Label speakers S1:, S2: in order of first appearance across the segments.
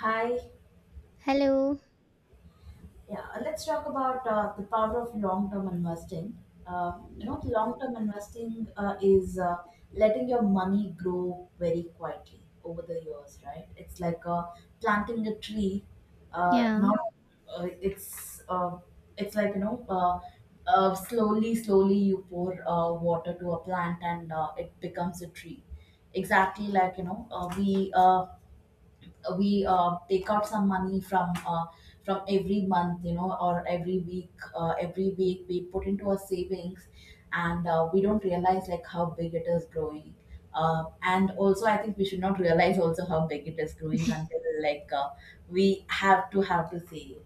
S1: Hi.
S2: Hello.
S1: Yeah, let's talk about the power of long-term investing. Uh, Long-term investing is letting your money grow very quietly over the years, right? It's like planting a tree.
S2: Yeah,
S1: Not, uh, it's uh, it's like slowly, slowly you pour water to a plant, and it becomes a tree. Exactly, we take out some money from every month, you know, or every week, every week we put into our savings, and we don't realize like how big it is growing, and also I think we should not realize also how big it is growing until, we have to save,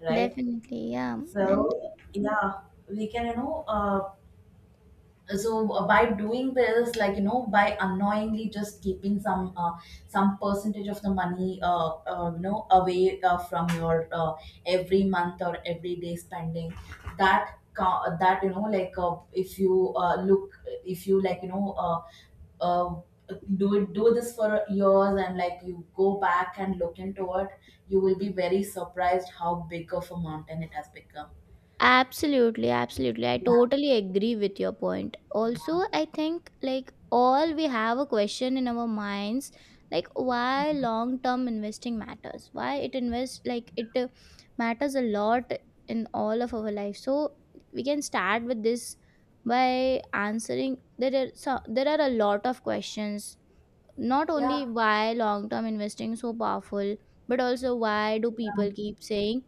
S1: right?
S2: definitely. Yeah. And
S1: So yeah, we can, by doing this, like, you know, by unknowingly just keeping some percentage of the money you know, away from your every month or every day spending. That co- that You know, if you look, if you, like you know uh, do it, do this for years, and like you go back and look into it, you will be very surprised how big of a mountain it has become.
S2: absolutely, absolutely. I
S1: Yeah,
S2: totally agree with your point. Also, I think like all we have a question in our minds like why long term investing matters. Why it invest like it matters a lot in all of our life. So, we can start with this by answering, there are a lot of questions, not
S1: yeah,
S2: only why long term investing is so powerful but also why do people keep saying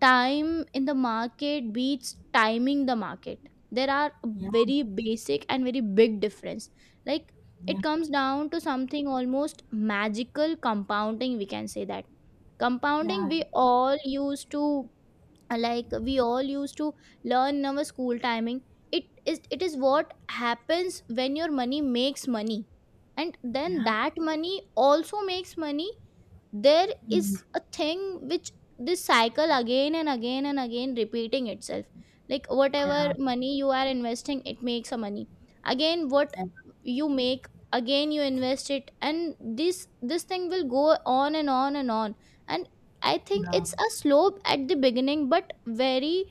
S2: time in the market beats timing the market. There are
S1: yeah,
S2: very basic and very big difference, like
S1: yeah,
S2: it comes down to something almost magical, compounding, we can say that.
S1: yeah,
S2: Compounding, we all used to, like we all used to learn in our school timing. It is what happens when your money makes money, and then
S1: yeah.
S2: that money also makes money. There
S1: Mm,
S2: is a thing which this cycle again and again and again repeating itself, like
S1: yeah,
S2: whatever money you are investing, it makes a money. Again what
S1: and
S2: you make, again you invest it, and this thing will go on and on and on. And I think
S1: uh,
S2: it's a slope at the beginning, but very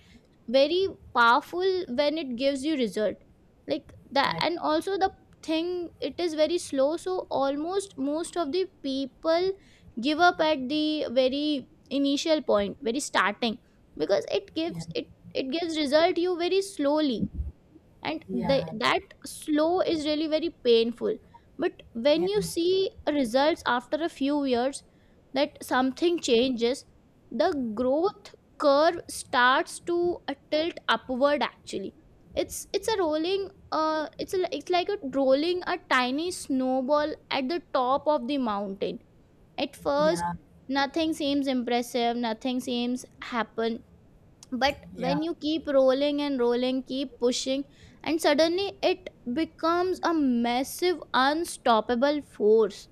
S2: very powerful when it gives you result like that.
S1: I,
S2: And also the thing, it is very slow, so almost most of the people give up at the very initial point, very starting, because
S1: yeah,
S2: it gives result you very slowly, and the,
S1: yeah,
S2: that slow is really very painful. But
S1: yeah,
S2: when you see results after a few years, that something changes. The growth curve starts to tilt upward actually. It's like a rolling a tiny snowball at the top of the mountain. At first,
S1: yeah,
S2: nothing seems impressive, nothing seems happen, but
S1: yeah,
S2: when you keep rolling and rolling, keep pushing, and suddenly it becomes a massive, unstoppable force.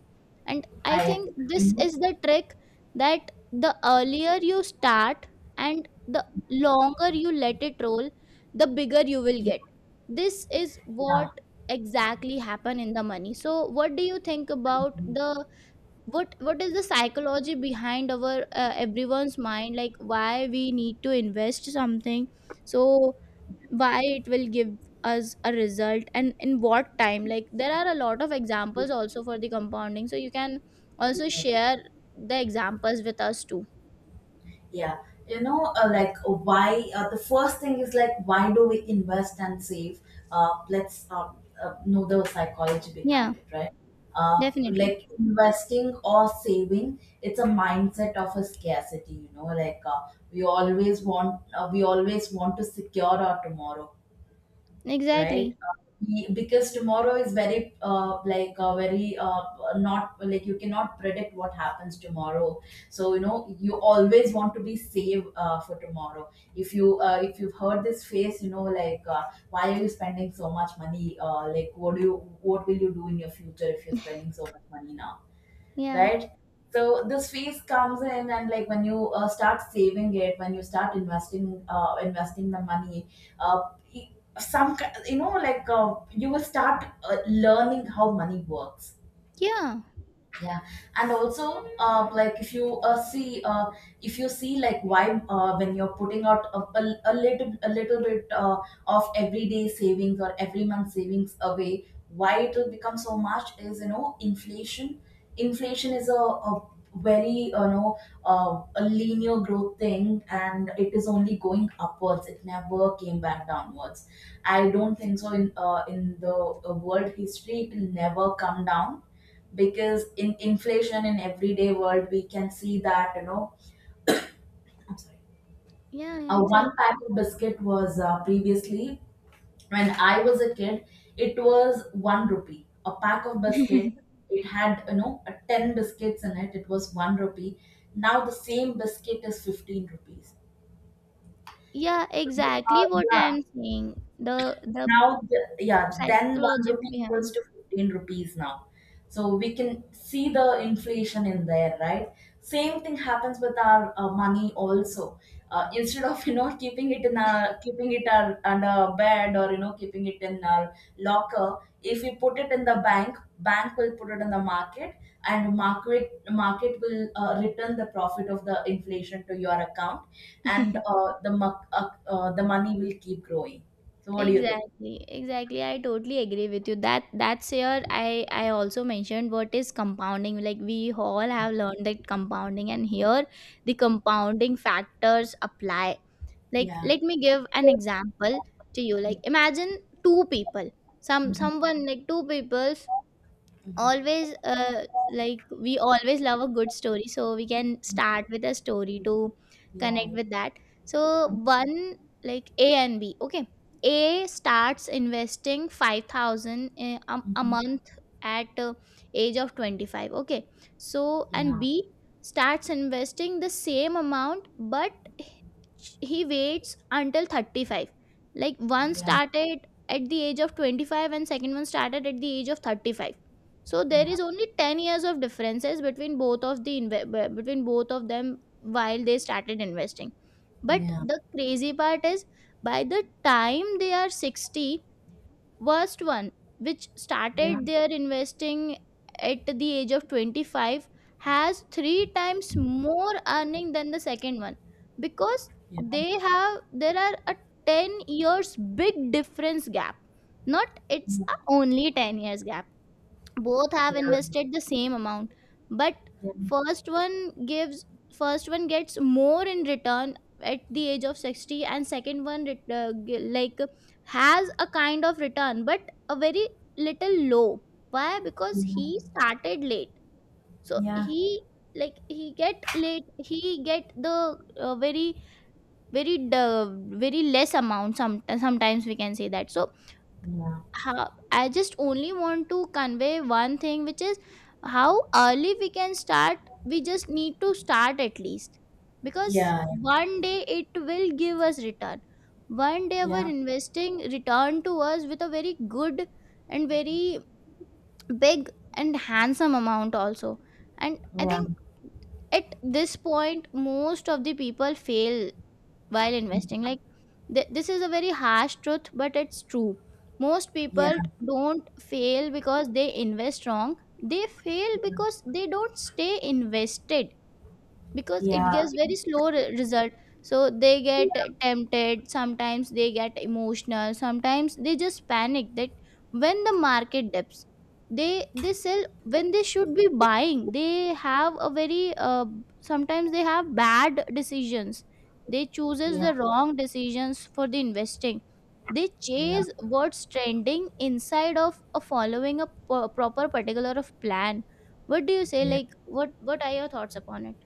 S2: And I
S1: I
S2: think
S1: agree.
S2: this is the trick, that the earlier you start and the longer you let it roll, the bigger you will get. This is
S1: Yeah,
S2: what exactly happen in the money. So what do you think about the what is the psychology behind our everyone's mind, like why we need to invest something? So why it will give us a result, and in what time? Like there are a lot of examples also for the compounding, so you can also
S1: yeah,
S2: share the examples with us too.
S1: yeah. You know, why? The first thing is, like, why do we invest and save? Let's Know the psychology
S2: Yeah,
S1: behind it, right? Uh,
S2: definitely.
S1: like investing or saving, it's a mindset of a scarcity. You know, we always want to secure our tomorrow, right?
S2: Exactly.
S1: Because tomorrow is very, not like, you cannot predict what happens tomorrow. So, you know, you always want to be safe for tomorrow. If you if you've heard this phrase, you know, why are you spending so much money? Like, what will you do in your future if you're spending so much money now?
S2: Yeah,
S1: Right? So this phase comes in, and like when you start saving it, when you start investing, investing the money, uh, e, some you know, you will start learning how money works.
S2: yeah,
S1: Yeah. And also if you see if you see, like, why, when you're putting out a little a little bit of everyday savings or every month savings away, why it will become so much is, you know, inflation. Inflation is a very, you know, a linear growth thing, and it is only going upwards, it never came back downwards. I don't think so. In the world history, it will never come down, because in inflation, in everyday world, we can see that, you know. I'm sorry.
S2: yeah, yeah.
S1: One
S2: Exactly.
S1: pack of biscuit was previously, when I was a kid, it was one rupee. A pack of biscuit, it had, you know, 10 biscuits in it. It was one rupee. Now the same biscuit is 15 rupees.
S2: Yeah,
S1: So,
S2: exactly,
S1: uh,
S2: what
S1: yeah,
S2: I'm saying, the the
S1: Yeah, then 1
S2: psychology
S1: rupee equals
S2: behind.
S1: to 15 rupees now. So we can see the inflation in there, right? Same thing happens with our money also. Instead of, you know, keeping it, our, under our bed, or, you know, keeping it in our locker, if we put it in the bank, bank will put it in the market, and market will return the profit of the inflation to your account, and the money will keep growing. So what do you think?
S2: Exactly, exactly. I totally agree with you. That's here. I also mentioned what is compounding. Like we all have learned that compounding, and here the compounding factors apply. Like
S1: Yeah.
S2: let me give an example to you. Like imagine two people. Some
S1: Mhm.
S2: someone like two people.
S1: Mhm.
S2: Always, like we always love a good story, so we can start with a story to
S1: Yeah.
S2: connect with that. So one, like A and B, okay. A starts investing 5,000 a
S1: Mhm.
S2: month at age of 25, okay. So and
S1: Yeah,
S2: B starts investing the same amount, but he waits until 35. Like one
S1: yeah,
S2: started at the age of 25 and second one started at the age of 35. So there is only 10 years of differences between both of the between both of them while they started investing.
S1: yeah,
S2: But
S1: yeah,
S2: the crazy part is, by the time they are 60, worst one, which
S1: yeah,
S2: started their investing at the age of 25, has three times more earning than the second one, because
S1: yeah, yeah, yeah,
S2: they have, there are a 10 years big difference gap. Not, it's a only 10 years gap. Both have
S1: yeah, yeah, yeah,
S2: invested the same amount, but first one gives first one gets more in return at the age of 60, and second one like has a kind of return, but a very little low. Why? Because he started late, so
S1: yeah, yeah,
S2: he like he get the very very very less amount, sometimes we can say that. So how, I just only want to convey one thing, which is how early we can start. We just need to start at least, because one day it will give us return. One day our investing return to us with a very good and very big and handsome amount also. And I think at this point most of the people fail while investing, like this is a very harsh truth but it's true. Most people don't fail because they invest wrong, they fail because they don't stay invested, because it gives very slow result. So they get tempted, sometimes they get emotional, sometimes they just panic, that when the market dips, they sell when they should be buying. They have a very, sometimes they have bad decisions. They
S1: yeah, yeah,
S2: chooses
S1: yeah,
S2: the wrong decisions for the investing. They
S1: yeah,
S2: chase what's trending inside of a following a proper particular of plan. What do you say,
S1: yeah.
S2: like, what are your thoughts upon it?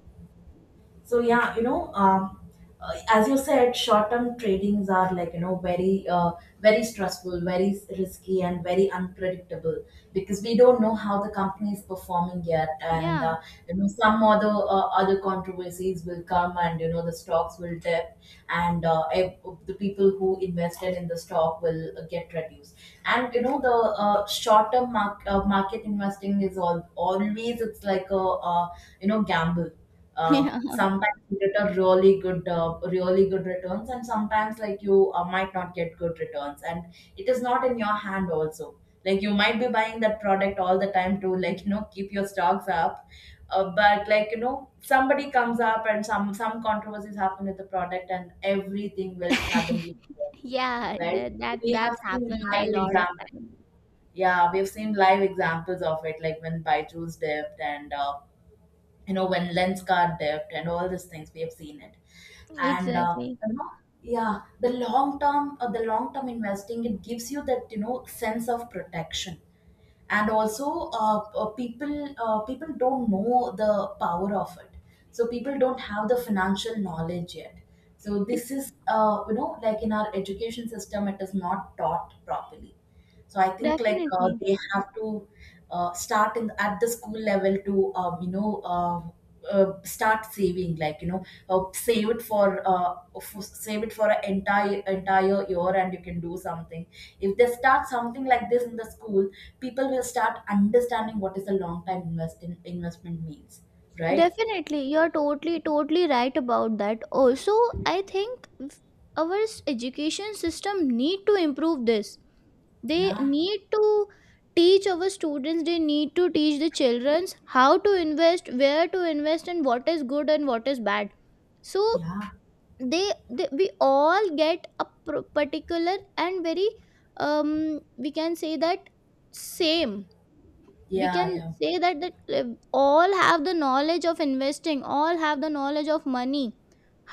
S1: So yeah, you know, as you said, short-term tradings are, like, you know, very, very stressful, very risky, and very unpredictable, because we don't know how the company is performing yet, and
S2: Yeah.
S1: you know, some other other controversies will come, and you know, the stocks will dip, and the people who invested in the stock will get reduced, and you know, the market investing is all always, it's like a, you know, gamble.
S2: Yeah.
S1: Sometimes you get a really good, really good returns, and sometimes, like, you might not get good returns, and it is not in your hand also. Like, you might be buying that product all the time to, like, you know, keep your stocks up, but, like, you know, somebody comes up and some controversies happen with the product, and everything will suddenly go,
S2: Yeah,
S1: right?
S2: that that
S1: We have
S2: that's
S1: seen
S2: happened a
S1: live
S2: lot of
S1: examples.
S2: time.
S1: Yeah, we've seen live examples of it, like when Byju's dipped, and you know, when lens card debt, and all these things, we have seen it. And
S2: Exactly.
S1: you know, yeah, the long term, the long term investing, it gives you that, you know, sense of protection. And also, people, people don't know the power of it. So people don't have the financial knowledge yet. So
S2: E-
S1: this is, you know, like, in our education system, it is not taught properly. So I think,
S2: Definitely.
S1: they have to start in, at the school level, to, you know, start saving, like, you know, save it for save it for an entire year, and you can do something. If they start something like this in the school, people will start understanding what is the long time invest in, investment means, right?
S2: Definitely. You're totally, totally right about that. Also, I think, our education system need to improve this. They
S1: Yeah,
S2: need to teach our students, they need to teach the children how to invest, where to invest, and what is good and what is bad. So
S1: yeah,
S2: they, we all get a particular, and very, um, we can say that same, we
S1: yeah,
S2: can
S1: yeah,
S2: say that that all have the knowledge of investing, all have the knowledge of money,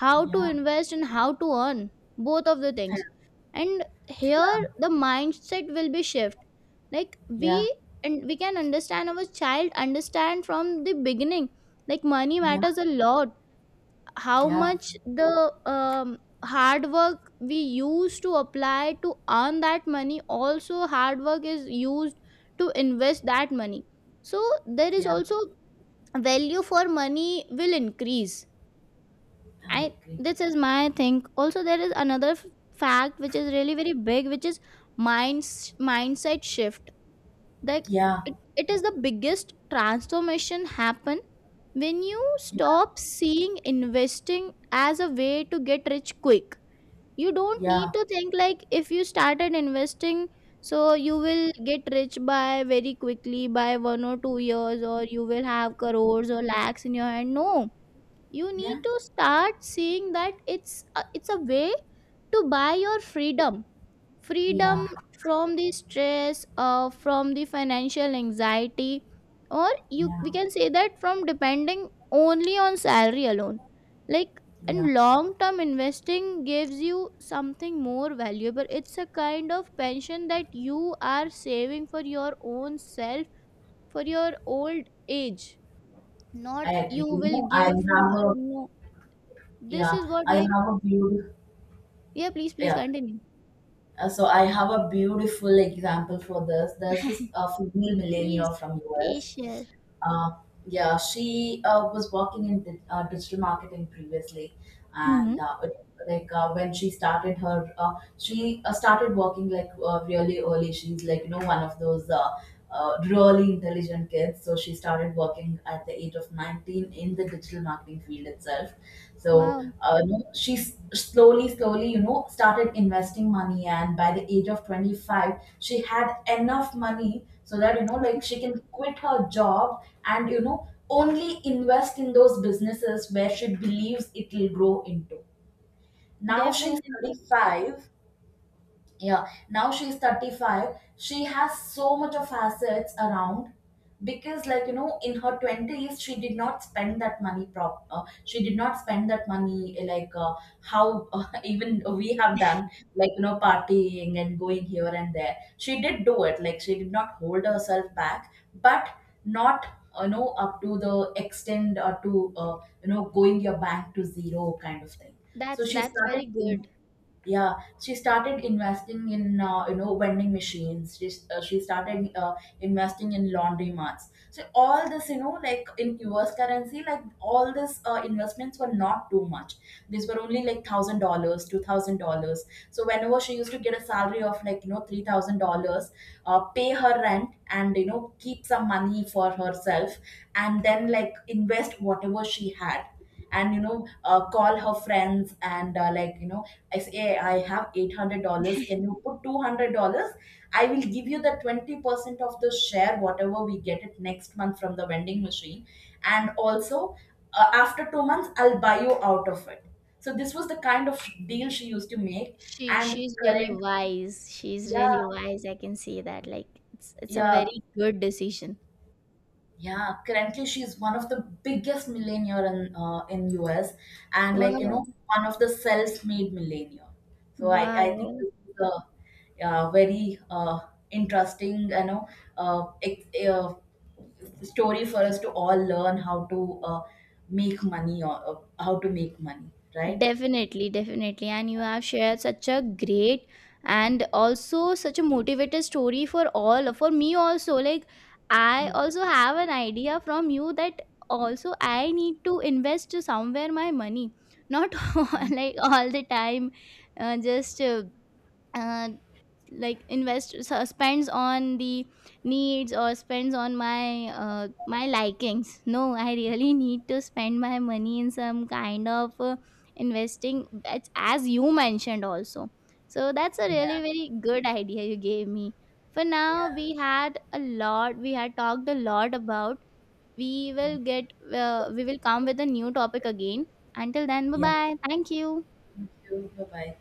S2: how to
S1: yeah,
S2: invest and how to earn, both of the things. And here
S1: yeah,
S2: the mindset will be shift. Like we,
S1: yeah,
S2: and we can understand, our child understand from the beginning, like money
S1: yeah,
S2: matters a lot. How
S1: yeah,
S2: much the, hard work we used to apply to earn that money, also hard work is used to invest that money. So there is
S1: yeah,
S2: also value for money will increase. I,
S1: I agree.
S2: this is my think. Also there is another fact which is really very big, which is mindset shift. Like
S1: Yeah,
S2: it is the biggest transformation happen when you
S1: yeah,
S2: stop seeing investing as a way to get rich quick. You don't
S1: yeah,
S2: need to think like if you started investing, so you will get rich by very quickly by 1 or 2 years, or you will have crores or lakhs in your hand. No, you need to start seeing that it's a way to buy your freedom.
S1: yeah,
S2: Freedom from the stress, from the financial anxiety, or you, we
S1: yeah,
S2: can say that, from depending only on salary alone. Like,
S1: yeah,
S2: and long term investing gives you something more valuable. It's a kind of pension that you are saving for your own self, for your old age. Not
S1: I agree.
S2: you
S1: You
S2: will
S1: know, I
S2: give from.
S1: have a,
S2: No. This
S1: yeah,
S2: is what,
S1: I
S2: like,
S1: have a beautiful,
S2: yeah, please please
S1: yeah.
S2: continue.
S1: So I have a beautiful example for this. There's this female millennial
S2: Please
S1: from us.
S2: please share.
S1: Uh, yeah, she was working in digital marketing previously,
S2: Hmm.
S1: and like when she started her, she started working, like, really early. She's, like, you know, one of those, really intelligent kids. So she started working at the age of 19 in the digital marketing field itself. So,
S2: Wow.
S1: you know, she slowly, slowly, you know, started investing money, and by the age of 25, she had enough money so that, you know, like, she can quit her job, and, you know, only invest in those businesses where she believes it will grow into. Now she's
S2: Definitely.
S1: 35, yeah, now she's 35, she has so much of assets around, because, like, you know, in her 20s she did not spend that money prop she did not spend that money, how, even we have done, like, you know, partying and going here and there. She did do it, like, she did not hold herself back, but not, you know, up to the extent, or to, you know, going your bank to zero kind of thing. So
S2: That's
S1: she
S2: that's very
S1: started,
S2: good.
S1: yeah, she started investing in, you know, vending machines. She started investing in laundromats. So all this, you know, like, in US currency, like all this investments were not too much. These were only like $1,000, $2,000. So whenever she used to get a salary of, like, you know, $3,000, pay her rent, and you know, keep some money for herself, and then, like, invest whatever she had. And you know, call her friends and, you know, I say, "Hey, I have $800. Can you put $200? I will give you the 20% of the share, whatever we get it next month from the vending machine. And also, after 2 months, I'll buy you out of it." So this was the kind of deal she used to make.
S2: She
S1: And
S2: she's really
S1: current,
S2: wise. She's really
S1: yeah,
S2: wise. I can see that. Like it's a
S1: yeah,
S2: very good decision.
S1: Yeah, currently, she's one of the biggest millionaire in US, and, like, you know,
S2: Wow.
S1: one of the self-made millionaire. So I think
S2: Wow.
S1: this is a, uh, very, interesting, you know, uh, ex- uh, story for us to all learn how to, make money, or, how to make money, right?
S2: Definitely, definitely. And you have shared such a great and also such a motivated story for all, for me also. Like I
S1: Yeah,
S2: also have an idea from you, that also I need to invest somewhere my money. Not all,
S1: yeah,
S2: like all the time, just uh, like invest, so spends on the needs or spends on my my likings. No, I really need to spend my money in some kind of investing, that's as you mentioned also. So that's a really
S1: yeah,
S2: very good idea you gave me. For now,
S1: yeah,
S2: we had talked a lot about, we will get we will come with a new topic again. Until then, bye
S1: yeah.
S2: bye, thank you.
S1: Thank you. Bye bye.